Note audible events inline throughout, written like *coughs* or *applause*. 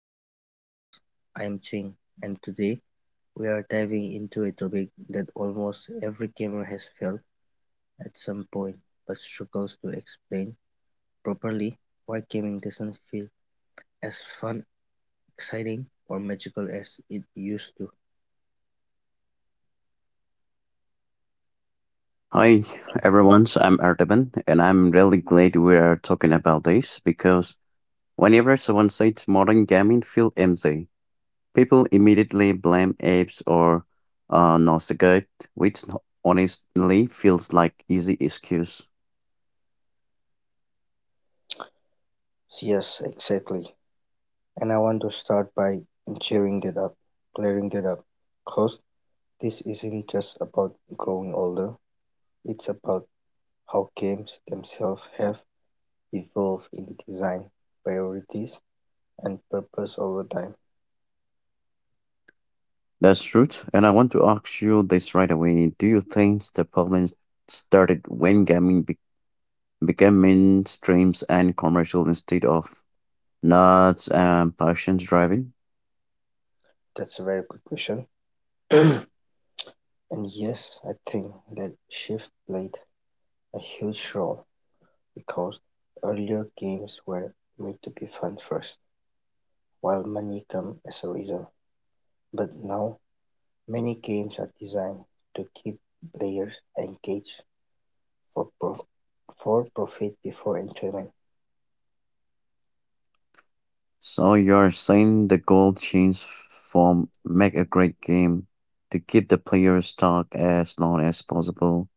back to the podcast. I am Ching, and today we are diving into a topic that almost every gamer has felt at some point but struggles to explain properly why gaming doesn't feel as fun, exciting, or magical as it used to. Hi everyone, I'm Artaban, and I'm really glad we are talking about this because whenever someone says modern gaming feel empty, people immediately blame apps or nostalgia, which n- honestly feels like easy excuse. Yes, exactly. And I want to start by cheering that up, clearing that up, because this isn't just about growing older, it's about how games themselves have evolve in design priorities and purpose over time. That's true, and I want to ask you this right away. Do you think the problem started when became mainstreams and commercial instead of nuts and passions driving? That's a very good question. *clears throat* And yes, I think that shift played a huge role because earlier games were made to be fun first, while money come as a result. But now many games are designed to keep players engaged for prof- for profit before enjoyment. So you're saying the goal change form make a great game to keep the players stuck as long as possible,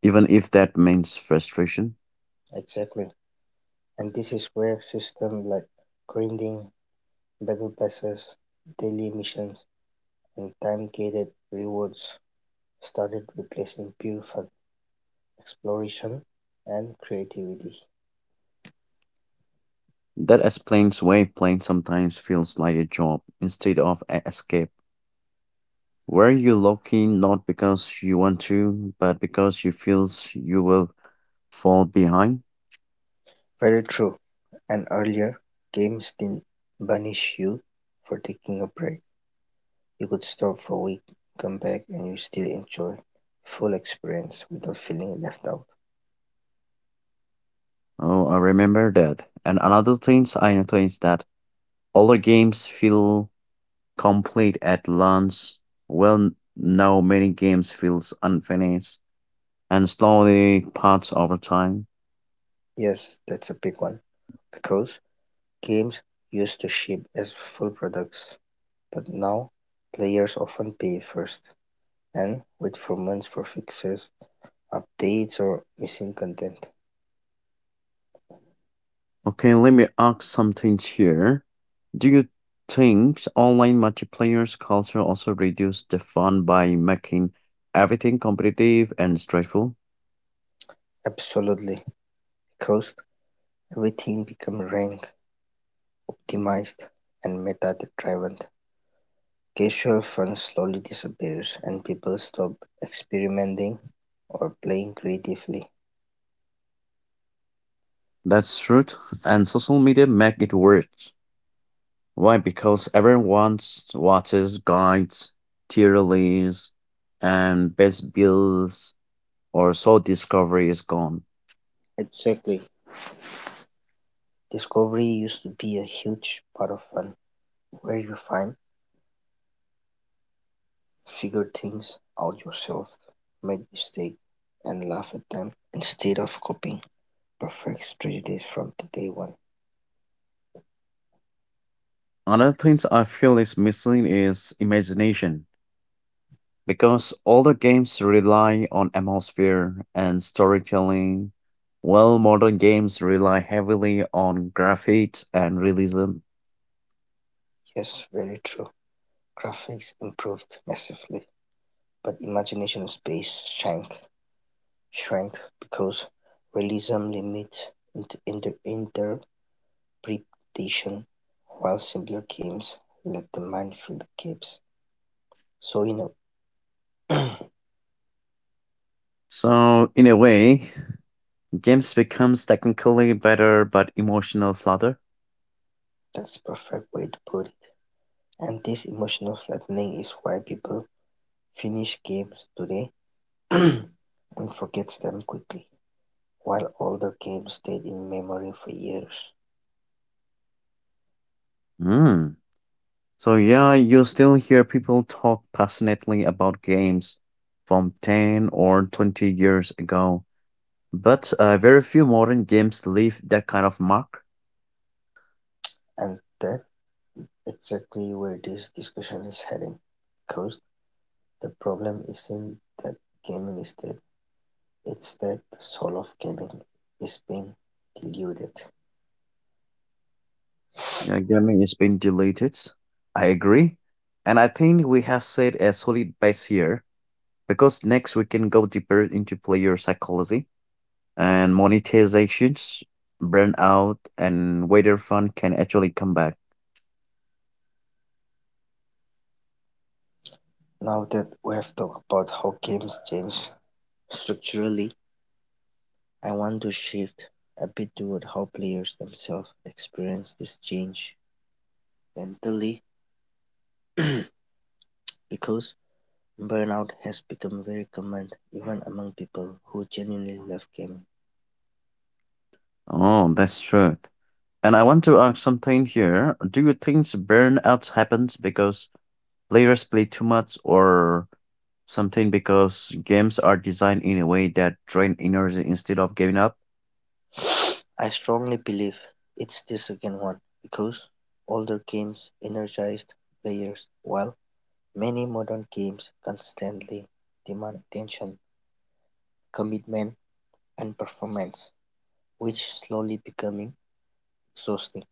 even if that means frustration? Exactly, and this is where systems like grinding, Battle passes, daily missions, and time-gated rewards started replacing pure fun, exploration, and creativity. That explains why playing sometimes feels like a job instead of an escape, where you log in not because you want to, but because you feels you will fall behind. Very true, and earlier, games didn't punish you for taking a break. You could stop for a week, come back, and you still enjoy full experience without feeling left out. Oh, I remember that. And another thing I noticed is that older games feel complete at launch. Well, now many games feels unfinished and slowly parts over time. Yes, that's a big one, because games used to ship as full products, but now players often pay first and wait for months for fixes, updates or missing content. Okay, let me ask something here. Do you think online multiplayers culture also reduce the fun by making everything competitive and stressful? Absolutely, because everything becomes rank, optimized and meta driven. Casual fun slowly disappears and people stop experimenting or playing creatively. That's true, and social media make it worse. Why? Because everyone watches guides, tier lists, and best builds or soul discovery is gone. Exactly. Discovery used to be a huge part of fun, where you find, figure things out yourself, make mistakes, and laugh at them instead of copying perfect strategies from the day one. Another thing I feel is missing is imagination, because older games rely on atmosphere and storytelling, while modern games rely heavily on graphics and realism. Yes, very true. Graphics improved massively, but imagination space shrank because realism limit int- inter- interpretation, while simpler games let the mind fill the gaps. So you know, *clears throat* So, in a way, games becomes technically better but emotional flutter. that's perfect way to put it. And this emotional flattening is why people finish games today *clears throat* and forgets them quickly, while older games stayed in memory for years. Hmm. So yeah, you still hear people talk passionately about games from 10 or 20 years ago, but very few modern games leave that kind of mark. And that exactly where this discussion is heading, because the problem isn't that gaming is dead, it's that the soul of gaming is being diluted. Gaming is being deleted. I agree. And I think we have set a solid base here because next we can go deeper into player psychology and monetizations, burnout, and whether fun can actually come back. Now that we have talked about how games change structurally, I want to shift a bit toward how players themselves experience this change mentally, *clears throat* because burnout has become very common even among people who genuinely love gaming. Oh, that's true. And I want to ask something here. Do you think burnout happens because players play too much or something because games are designed in a way that drain energy instead of giving up. I strongly believe it's the second one because older games energized players while many modern games constantly demand attention, commitment, and performance, which slowly becoming exhausting.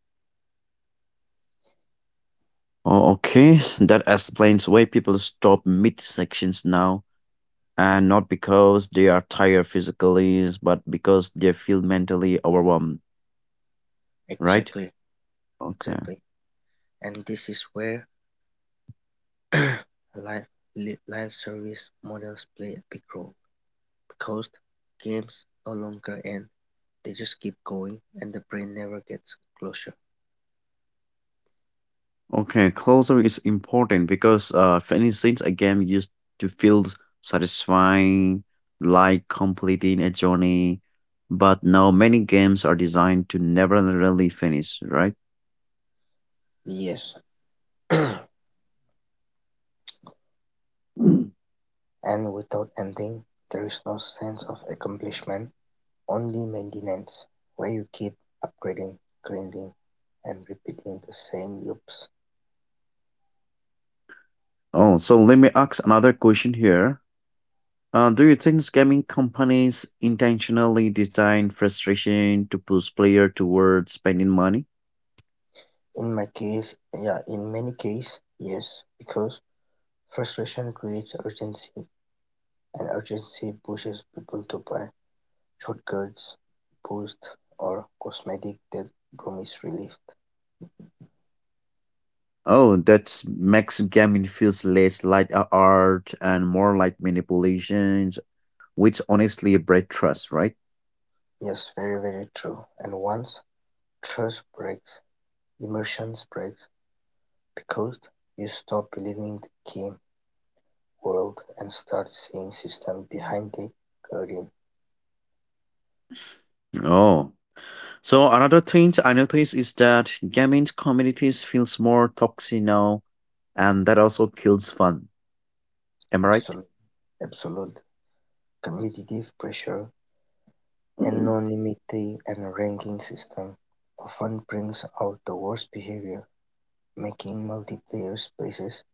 Oh, okay, that explains why people stop mid-sections now, and not because they are tired physically, but because they feel mentally overwhelmed, right? Exactly, Okay. exactly. And this is where *clears throat* live, live service models play a big role because games no longer end, they just keep going and the brain never gets closure. Okay, closure is important because finishing scenes a game used to feel satisfying, like completing a journey, but now many games are designed to never really finish, right? Yes. *clears throat* And without ending, there is no sense of accomplishment, only maintenance, where you keep upgrading, grinding, and repeating the same loops. Oh, so let me ask another question here. Do you think gaming companies intentionally design frustration to push player towards spending money? In my case, yeah, in many cases, yes, because frustration creates urgency, and urgency pushes people to buy shortcuts, boosts, or cosmetic that promise relief. Oh, that makes gaming feels less like a art and more like manipulations, which honestly break trust, right? Yes, very, very true. And once trust breaks, immersion breaks, because you stop believing the game world and start seeing system behind the curtain. Oh, so another thing I notice is that gaming communities feels more toxic now, and that also kills fun. Am I right? Absolute absolute competitive pressure, anonymity and ranking system often brings out the worst behavior, making multiplayer spaces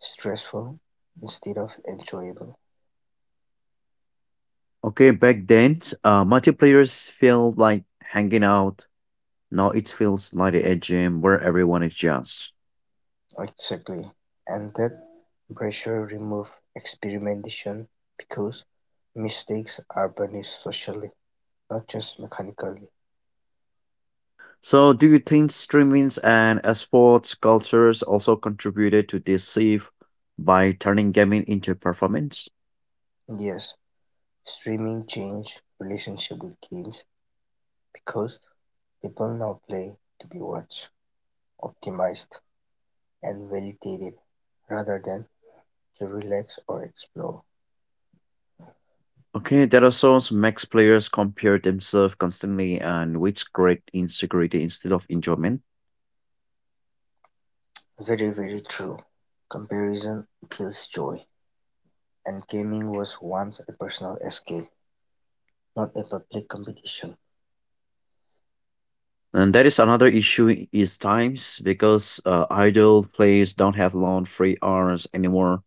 stressful instead of enjoyable. Okay, back then, multiplayers feel like hanging out. Now it feels like a gym where everyone is just. Exactly. And that pressure remove experimentation because mistakes are punished socially, not just mechanically. So, do you think streamings and sports cultures also contributed to this shift by turning gaming into performance? Yes, streaming changed relationship with games because people now play to be watched, optimized, and validated rather than to relax or explore. Okay, that also makes players compare themselves constantly and which create insecurity instead of enjoyment. Very, very true. Comparison kills joy, and gaming was once a personal escape, not a public competition. And that is another issue is times because idle players don't have long free hours anymore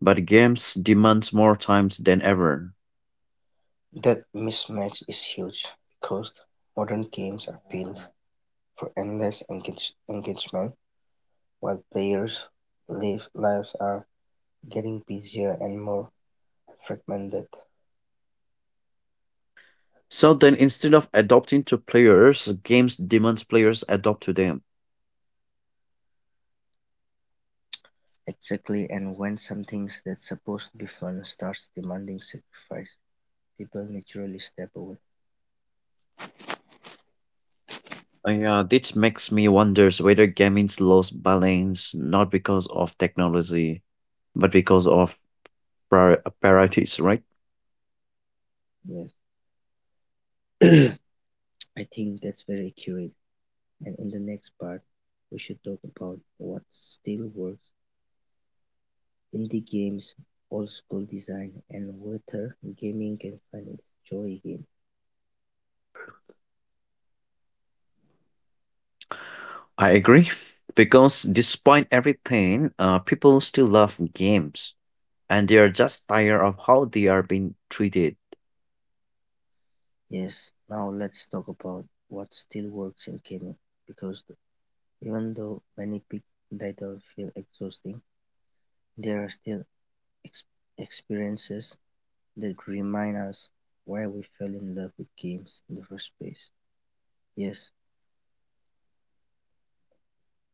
but games demand more times than ever. That mismatch is huge because modern games are built for endless engagement while players live lives are getting busier and more fragmented. So then instead of adopting to players, games demand players adopt to them. Exactly, and when something that's supposed to be fun starts demanding sacrifice, people naturally step away. Yeah, this makes me wonder whether gaming's lost balance not because of technology, but because of priorities, right? Yes. *clears throat* I think that's very accurate. And in the next part, we should talk about what still works, indie games, old school design, and whether gaming can find its joy again. I agree. Because despite everything, people still love games and they are just tired of how they are being treated. Yes, now let's talk about what still works in gaming, because even though many big titles feel exhausting, there are still ex- experiences that remind us why we fell in love with games in the first place. Yes,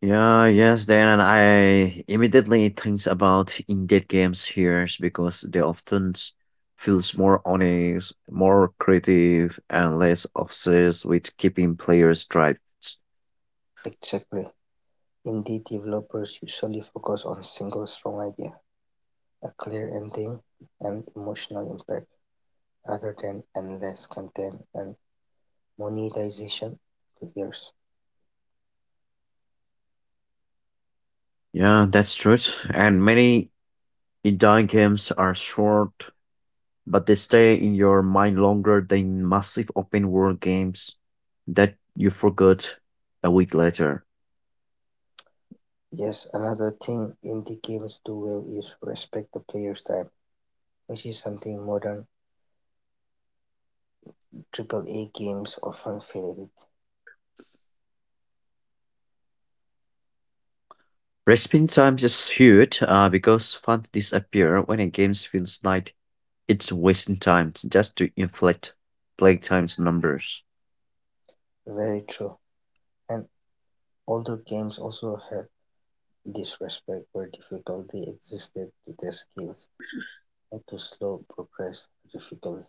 Yeah, yes, then I immediately thinks about indie games here because they feels more honest, more creative, and less obsessed with keeping players drives. exactly. Indie developers usually focus on single strong idea, a clear ending, and emotional impact, rather than endless content and monetization careers. Yeah, that's true. And many indie games are short, but they stay in your mind longer than massive open world games that you forgot a week later. Yes, another thing indie games do well is respect the player's time, which is something modern triple A games often fail Respawn time is huge because fun disappear when a game feels like. It's wasting time just to inflate playtime's numbers. at. Very true. And older games also had this respect where difficulty existed to their skills, not to slow progress difficulty.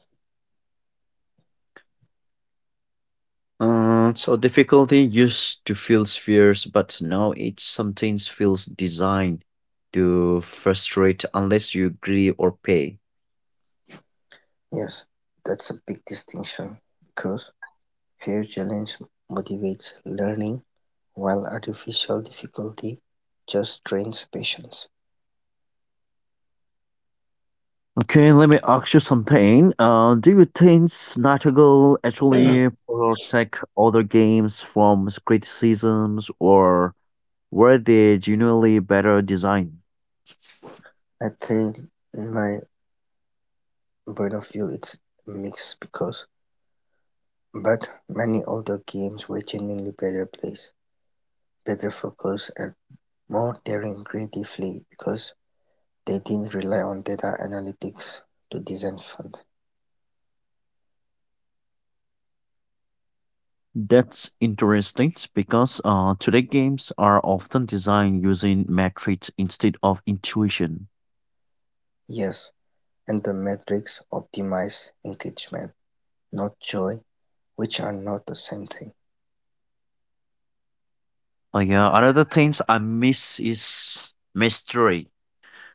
So difficulty used to feel fierce, but now it sometimes feels designed to frustrate unless you agree or pay. Yes, that's a big distinction because fair challenge motivates learning while artificial difficulty just drains patience. Okay, let me ask you something. Do you think Nightingale I actually protect other games from criticisms, or were they genuinely better designed? think in my point of view it's a mix because but many older games were genuinely better plays, better focused and more daring creatively because they didn't rely on data analytics to design fun. That's interesting because today games are often designed using metrics instead of intuition. Yes, and the metrics optimize engagement, not joy, which are not the same thing. Oh yeah, another things I miss is mystery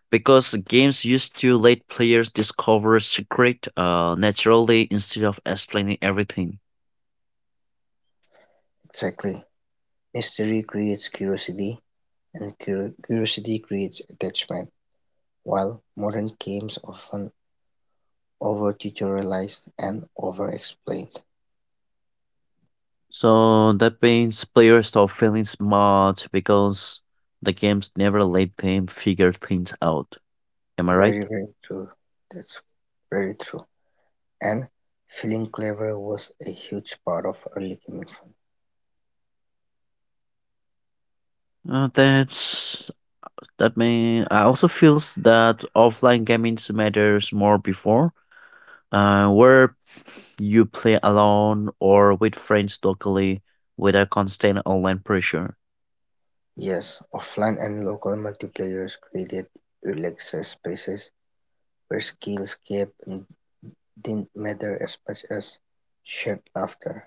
because games used to let players discover secret naturally instead of explaining everything. Exactly. Mystery creates curiosity, and curiosity creates attachment, while modern games often over tutorialized and over explained. So that means players stop feeling smart because the games never let them figure things out. Am I right? Very, very true. That's very true. And feeling clever was a huge part of early gaming fun. Uh, that's That mean I also feels that offline games matters more before, where you play alone or with friends locally without constant online pressure. Yes, offline and local multiplayers created relaxed spaces where didn't matter as much as shared laughter.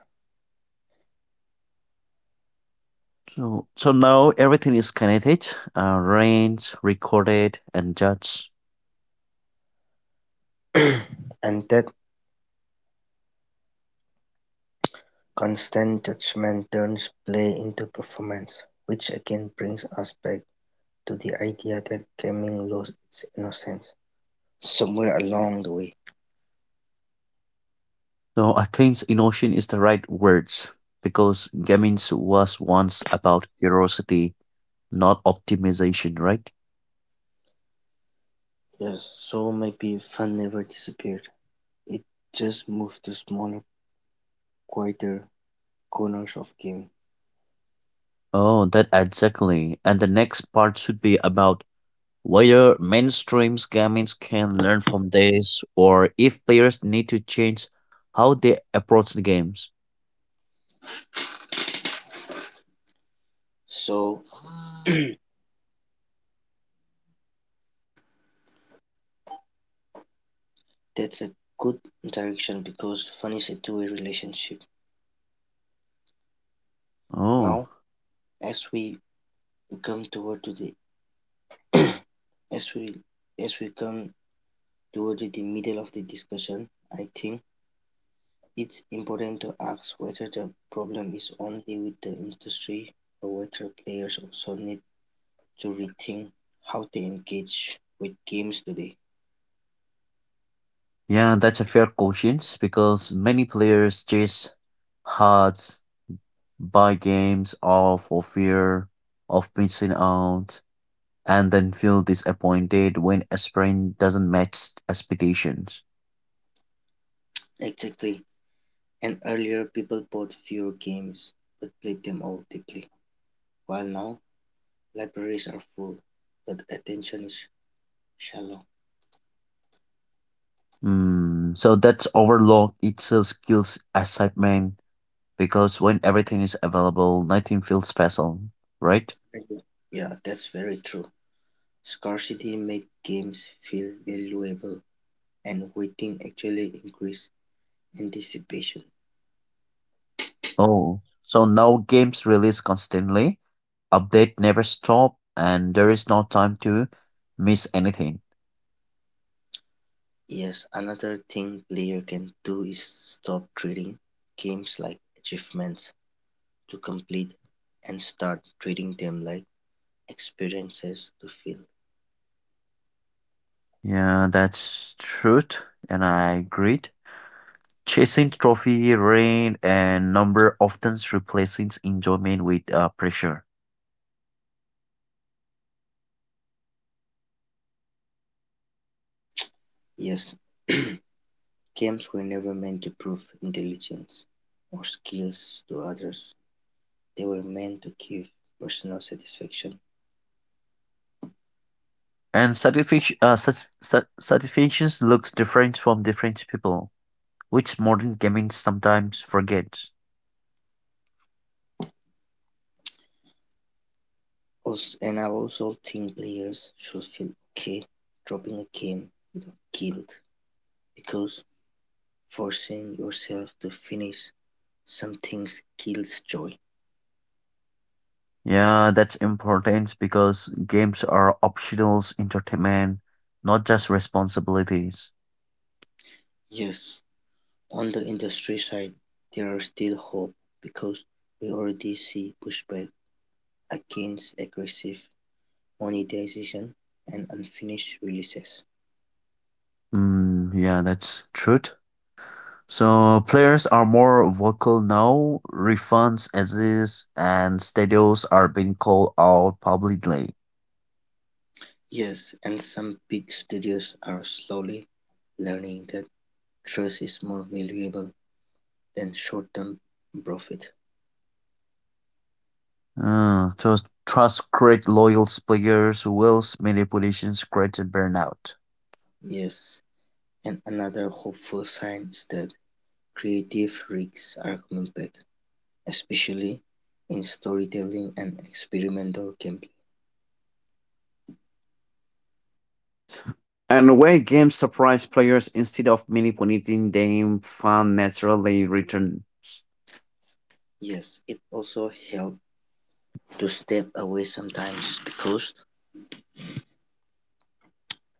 So now everything is connected, arranged, recorded, and judged. *clears throat* And that constant judgment turns play into performance, which again brings us back to the idea that gaming lost its innocence somewhere along the way. So I think innovation is the right word because gaming was once about curiosity, not optimization, right? Yes, so maybe fun never disappeared. It just moved to smaller, quieter corners of gaming. Oh, that exactly. And the next part should be about whether mainstream games can learn from this or if players need to change how they approach the games. So that's a good direction because fun is a two-way relationship. Oh, Now, as we come toward to the *coughs* *clears throat* as we as we come toward the middle of the discussion, I think it's important to ask whether the problem is only with the industry or whether players also need to rethink how they engage with games today. yeah, that's a fair question because many players chase hard buy games all for fear of missing out and then feel disappointed when a sprint doesn't match expectations. Exactly. And earlier people bought fewer games but played them all deeply. While now libraries are full, but attention is shallow. Hmm, so that's overlook. It's a skills assignment because when everything is available, nothing feels special, right? Exactly. Yeah, that's very true. Scarcity made games feel valuable, and waiting actually increased anticipation. Oh, so now games release constantly, update never stop, and there is no time to miss anything. Yes, another thing player can do is stop treating games like achievements to complete and start treating them like experiences to feel. Yeah, that's truth, and I agreed. Chasing trophy, rank, and number often replaces enjoyment with pressure. Yes, *clears throat* games were never meant to prove intelligence or skills to others. They were meant to give personal satisfaction. And satisfaction, satisfactions looks different from different people, which modern gaming sometimes forgets. Also, and I also think players should feel okay dropping a game guilt because forcing yourself to finish some things kills joy. Yeah, that's important because games are optional entertainment, not just responsibilities. Yes, on the industry side, there are still hope because we already see pushback against aggressive monetization and unfinished releases. Mm, yeah, that's truth. So players are more vocal now, refunds exist, and studios are being called out publicly. Yes, and some big studios are slowly learning that trust is more valuable than short-term profit. Trust, trust create loyal players, whilst manipulations create burnout. Yes, and another hopeful sign is that creative risks are coming back, especially in storytelling and experimental gameplay. And where games surprise players instead of manipulating them, fun naturally return. Yes, it also helps to step away sometimes because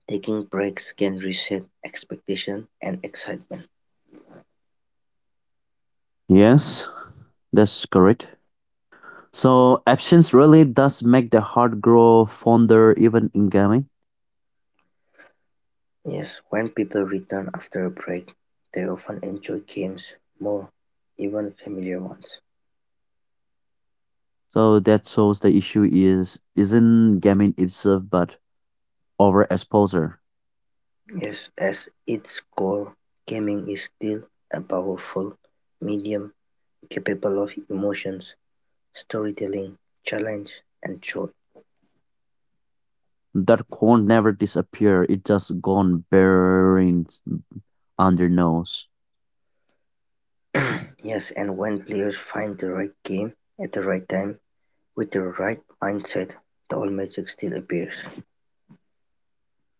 taking breaks can reset expectation and excitement. Yes, that's correct. So absence really does make the heart grow fonder even in gaming. Yes, when people return after a break, they often enjoy games more, even familiar ones. So that shows the issue is isn't gaming itself but overexposure. Yes, as its core, gaming is still a powerful medium capable of emotions, storytelling, challenge, and joy. That corn never disappear, it just gone burning under nose. *clears throat* Yes, and when players find the right game at the right time with the right mindset, the old magic still appears.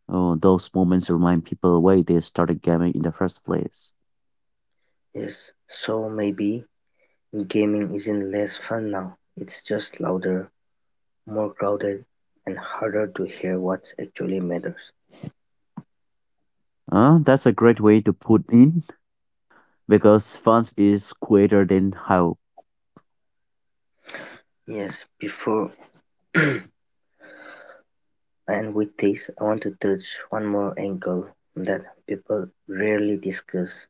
Oh, those moments remind people why they started gaming in the first place. Yes, so maybe gaming isn't less fun now, it's just louder, more crowded, and harder to hear what actually matters. That's a great way to put in because fun is greater than how. Yes, before *clears throat* and with this I want to touch one more angle that people rarely discuss,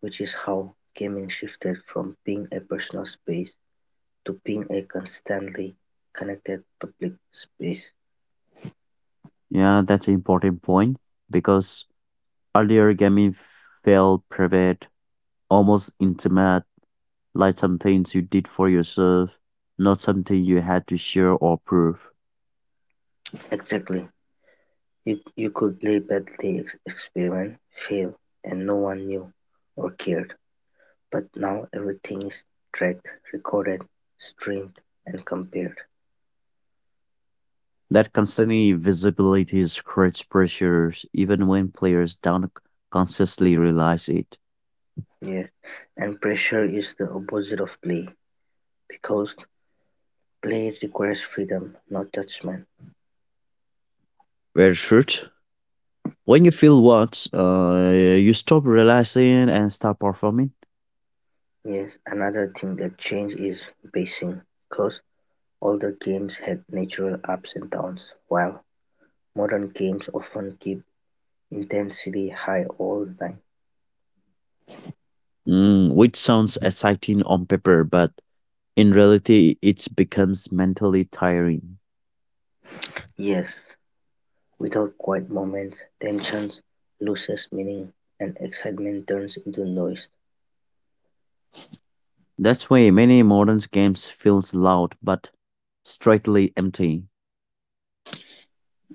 which is how gaming shifted from being a personal space to being a constantly connected public space. Yeah, that's an important point because earlier gaming felt private, almost intimate, like something you did for yourself, not something you had to share or prove. Exactly. You could play badly, experiment, fail, and no one knew or cared. But now everything is tracked, recorded, streamed, and compared. That constantly visibility creates pressures, even when players don't consciously realize it. Yeah. And pressure is the opposite of play because play requires freedom, not judgment. Where should? When you feel what? You stop relaxing and start performing, Yes, another thing that changed is pacing, because older games had natural ups and downs, while modern games often keep intensity high all the time. mm, which sounds exciting on paper, but in reality, it becomes mentally tiring. Yes, without quiet moments, tension loses meaning and excitement turns into noise. That's why many modern games feels loud but strictly empty.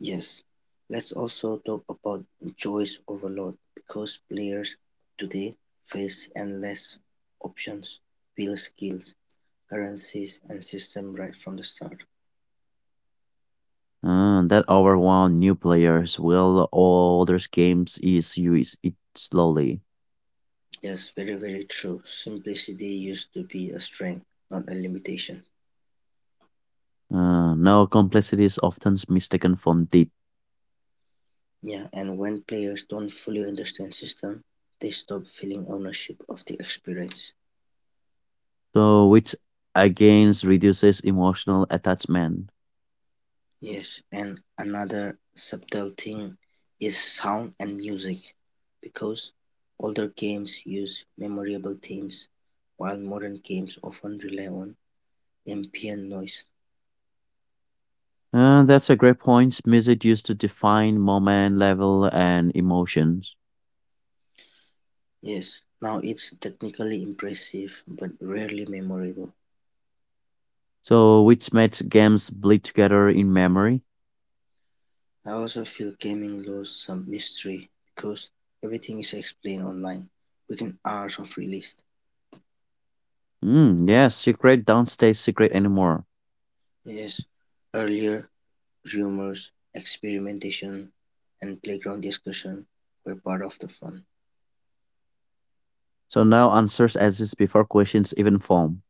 Yes, let's also talk about choice overload, because players today face endless options, build skills, currencies and system right from the start. That overwhelm new players while other games is use it slowly. Yes, very, very true. Simplicity used to be a strength, not a limitation. Now complexity is often mistaken for deep, Yeah, and when players don't fully understand system, they stop feeling ownership of the experience. so which again reduces emotional attachment. Yes, and another subtle thing is sound and music, because older games use memorable themes, while modern games often rely on ambient noise. That's a great point. Music used to define moment, level, and emotions. Yes, now it's technically impressive but rarely memorable. So, which made games bleed together in memory? I also feel gaming lost some mystery because everything is explained online within hours of release. Mm, yeah, secret don't stay secret anymore. Yes, earlier rumors, experimentation, and playground discussion were part of the fun. So now answers exist before questions even form.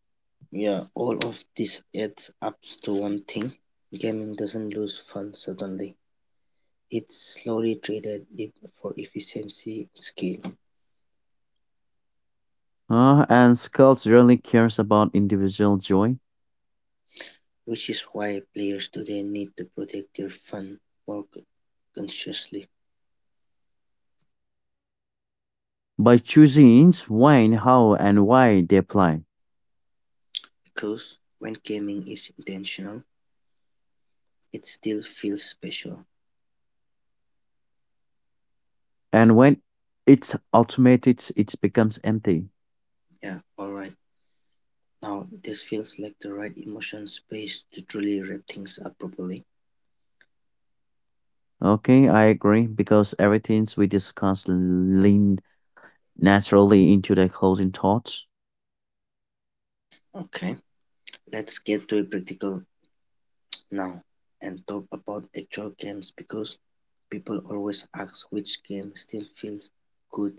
Yeah, all of this adds up to one thing. Gaming doesn't lose fun suddenly. It slowly traded it for efficiency and skill. And Skulls really cares about individual joy Which is why players today need to protect their fun more consciously, by choosing when, how, and why they play. because when gaming is intentional, it still feels special. And when it's automated, it becomes empty. Yeah, alright. Now this feels like the right emotion space to truly wrap things up properly. Okay, I agree because everything we discussed lean naturally into their closing thoughts. Okay, let's get to a practical now, and talk about actual games because people always ask which game still feels good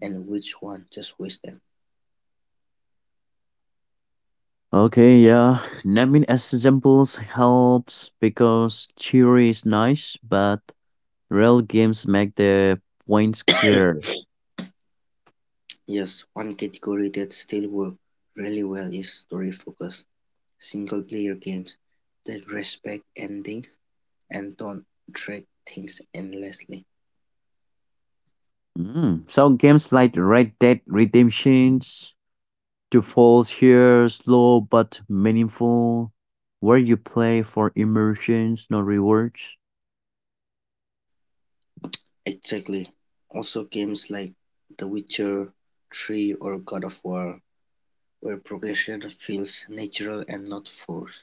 and which one just wastes them. Okay, yeah, naming examples helps because theory is nice, but real games make the points clearer. Yes, one category that still works really well is story-focused, single-player games that respect endings and don't drag things endlessly. Mm. So games like Red Dead Redemptions, to fall here, slow but meaningful, where you play for immersions, not rewards. Exactly. Also, games like The Witcher 3 or God of War, where progression feels natural and not forced.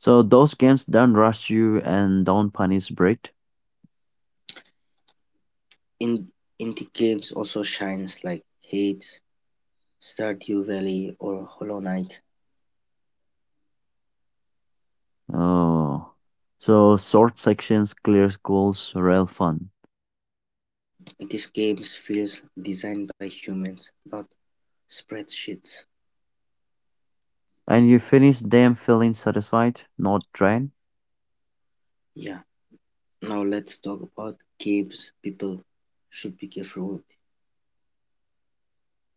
So those games don't rush you and don't punish bread. In indie games also shines like Hades, Stardew Valley, or Hollow Knight. Oh, so short sections, clear goals, real fun. These games feels designed by humans, not spreadsheets. And you finish them feeling satisfied, not drained. Yeah, now let's talk about games people should be careful with.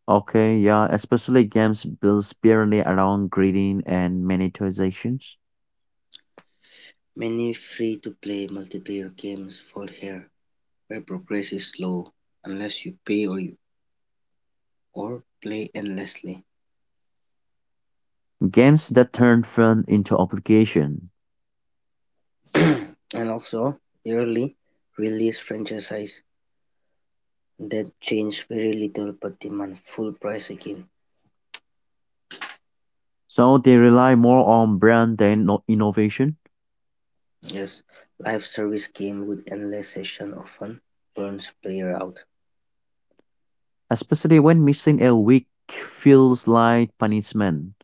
Okay, yeah, especially games built purely around grading and monetizations. Many free to play multiplayer games fall here, where progress is slow unless you pay or, or play endlessly. Games that turn fun into obligation. *clears throat* And also, early release franchises that change very little but demand full price again. So they rely more on brand than innovation, Yes, live service game with endless session often burns player out. especially when missing a week feels like punishment.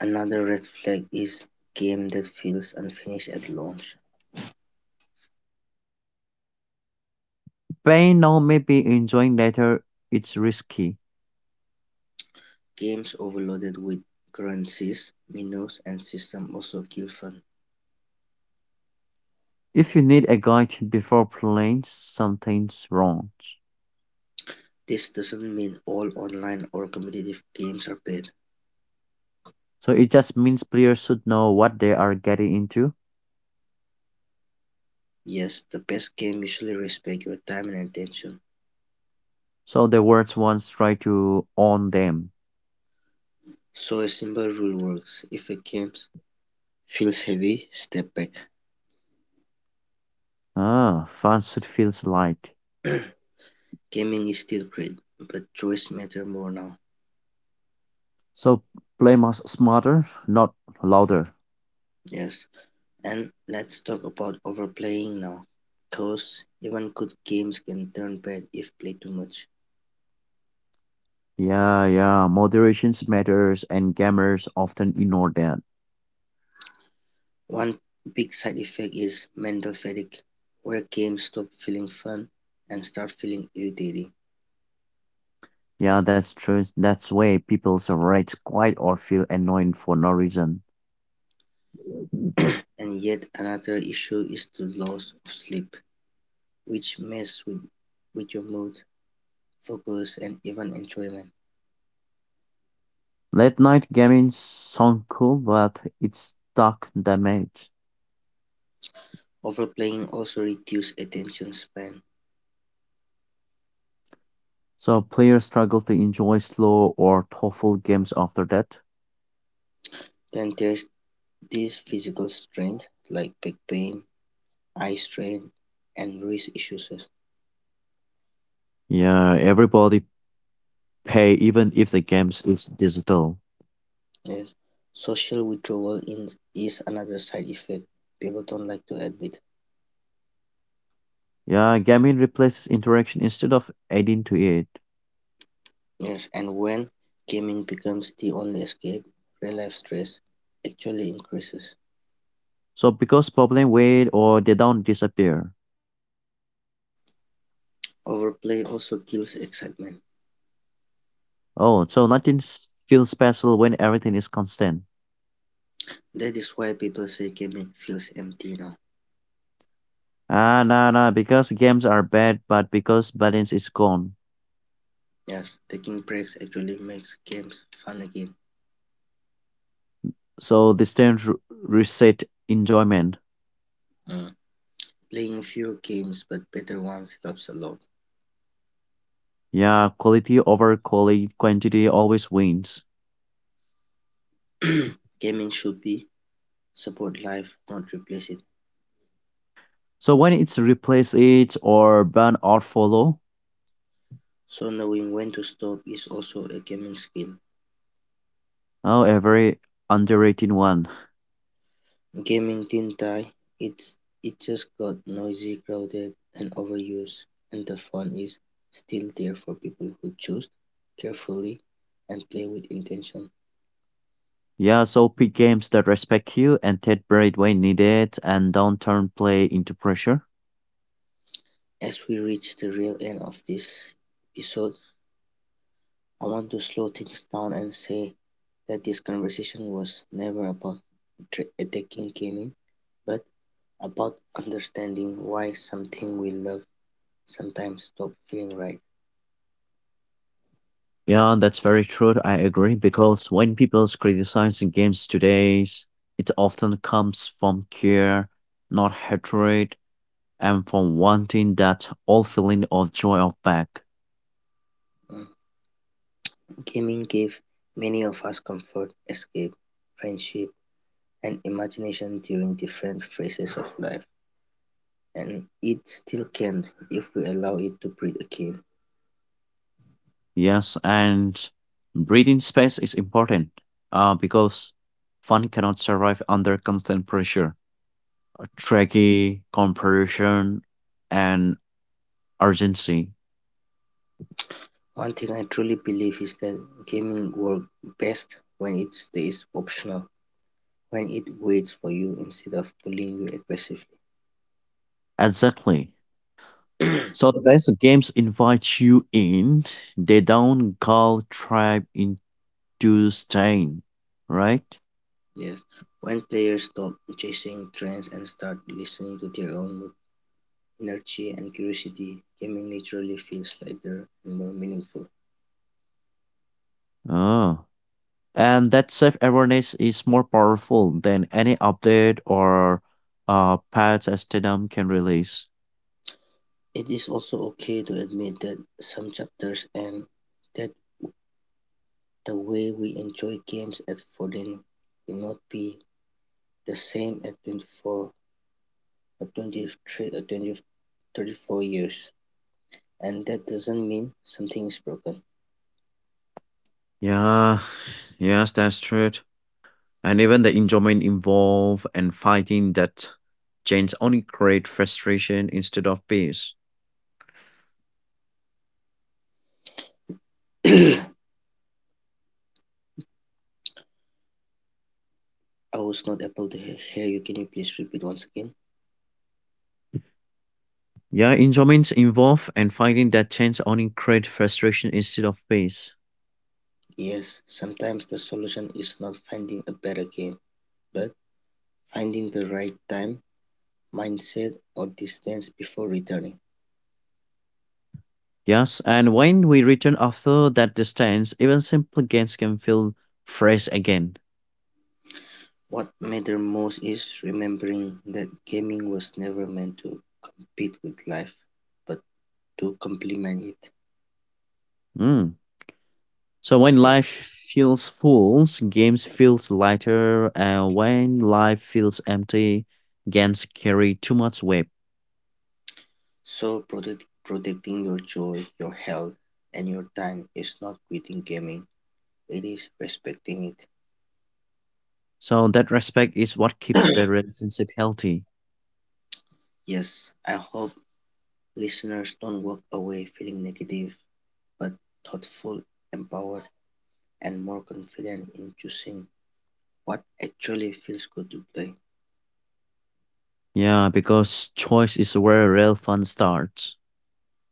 Another red flag is game that feels unfinished at launch. Pay now, maybe enjoying later, it's risky. Games overloaded with currencies, menus and systems also kill fun. If you need a guide before playing, something's wrong. This doesn't mean all online or competitive games are bad. So it just means players should know what they are getting into, Yes, the best game usually respect your time and attention. so the words once try to own them. So a simple rule works. If a game feels heavy, step back. Ah, fans should feel light. *clears throat* Gaming is still great, but choice matter more now. So play must smarter, not louder. Yes, and let's talk about overplaying now. Cause even good games can turn bad if played too much. Yeah, moderation matters and gamers often ignore that. One big side effect is mental fatigue, where games stop feeling fun and start feeling irritating. Yeah, that's true. That's why people rage quite or feel annoyed for no reason. And yet another issue is the loss of sleep, which messes with your mood, focus, and even enjoyment. Late night gaming sound cool, but it's stuck damage. Overplaying also reduces attention span. So players struggle to enjoy slow or thoughtful games after that. Then there's this physical strain, like back pain, eye strain, and wrist issues. Yeah, everybody pay even if the games is digital. Yes. Social withdrawal is another side effect people don't like to admit. Yeah, gaming replaces interaction instead of adding to it. Yes, and when gaming becomes the only escape, real life stress actually increases. So because problem wait or they don't disappear. Overplay also kills excitement. Oh, so nothing feels special when everything is constant. That is why people say gaming feels empty now. Nah, because games are bad, but because balance is gone. Yes, taking breaks actually makes games fun again. So this time reset enjoyment. Mm. Playing fewer games but better ones helps a lot. Yeah, quality over quality quantity always wins. *clears throat* Gaming should be support life, not replace it. So when it's replace it or ban or follow, So knowing when to stop is also a gaming skill. oh a very underrated one. Gaming didn't tintai, it it just got noisy, crowded and overused, and the fun is still there for people who choose carefully and play with intention. Yeah, so pick games that respect you and take break when needed and don't turn play into pressure. As we reach the real end of this episode, I want to slow things down and say that this conversation was never about attacking gaming, but about understanding why something we love sometimes stop feeling right. Yeah, that's very true. I agree because when people's criticizing games today, it often comes from care, not hatred and from wanting that old feeling of joy of back. Mm. Gaming gave many of us comfort, escape, friendship, and imagination during different phases of life, and it still can if we allow it to breathe again. Yes, and breathing space is important because fun cannot survive under constant pressure, tricky compression, and urgency. One thing I truly believe is that gaming works best when it stays optional, when it waits for you instead of pulling you aggressively. Exactly. So *clears throat* these games invite you in. They don't call tribe into staying, right? Yes, when players stop chasing trends and start listening to their own mood, energy, and curiosity, gaming naturally feels lighter and more meaningful. Oh. And that self-awareness is more powerful than any update or patch as Stadium can release. It is also okay to admit that some chapters end, that the way we enjoy games at 14 will not be the same at 24 or 23 or 20, 34 years. And that doesn't mean something is broken. Yeah, yes, that's true, and even the enjoyment involved and fighting that change only create frustration instead of peace. *coughs* I was not able to hear you. Can you please repeat once again? Yeah, enjoyments involved and fighting that change only create frustration instead of peace. Yes, sometimes the solution is not finding a better game, but finding the right time, mindset, or distance before returning. Yes, and when we return after that distance, even simple games can feel fresh again. What matters most is remembering that gaming was never meant to compete with life, but to complement it. Mm. So when Yeah. life feels full, games feels lighter, and when life feels empty, games carry too much weight. So protecting your joy, your health, and your time is not quitting gaming. It is respecting it. So that respect is what keeps the relationship healthy. Yes, I hope listeners don't walk away feeling negative, but thoughtful, empowered, and more confident in choosing what actually feels good to play. Yeah, because choice is where real fun starts.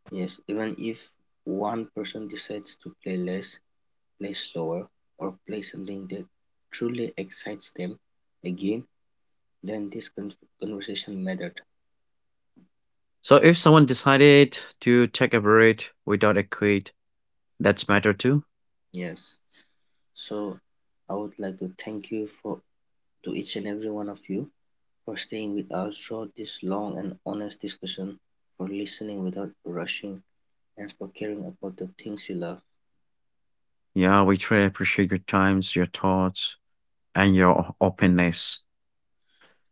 Yes, even if one person decides to play less, play slower, or play something that truly excites them, again, then conversation mattered. So if someone decided to take a break without a quit, that's matter too. Yes. So I would like to thank you for to each and every one of you for staying with us throughout this long and honest discussion, for listening without rushing, and for caring about the things you love. Yeah, we truly appreciate your times, your thoughts, and your openness.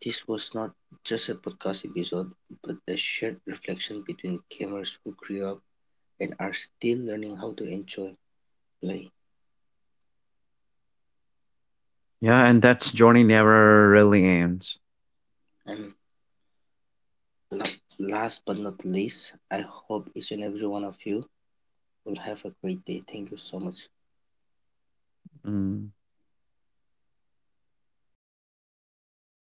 This was not just a podcast episode, but a shared reflection between gamers who grew up and are still learning how to enjoy play. Yeah, and that's journey never really ends. And la- last but not least, I hope each and every one of you will have a great day. Thank you so much. Mm.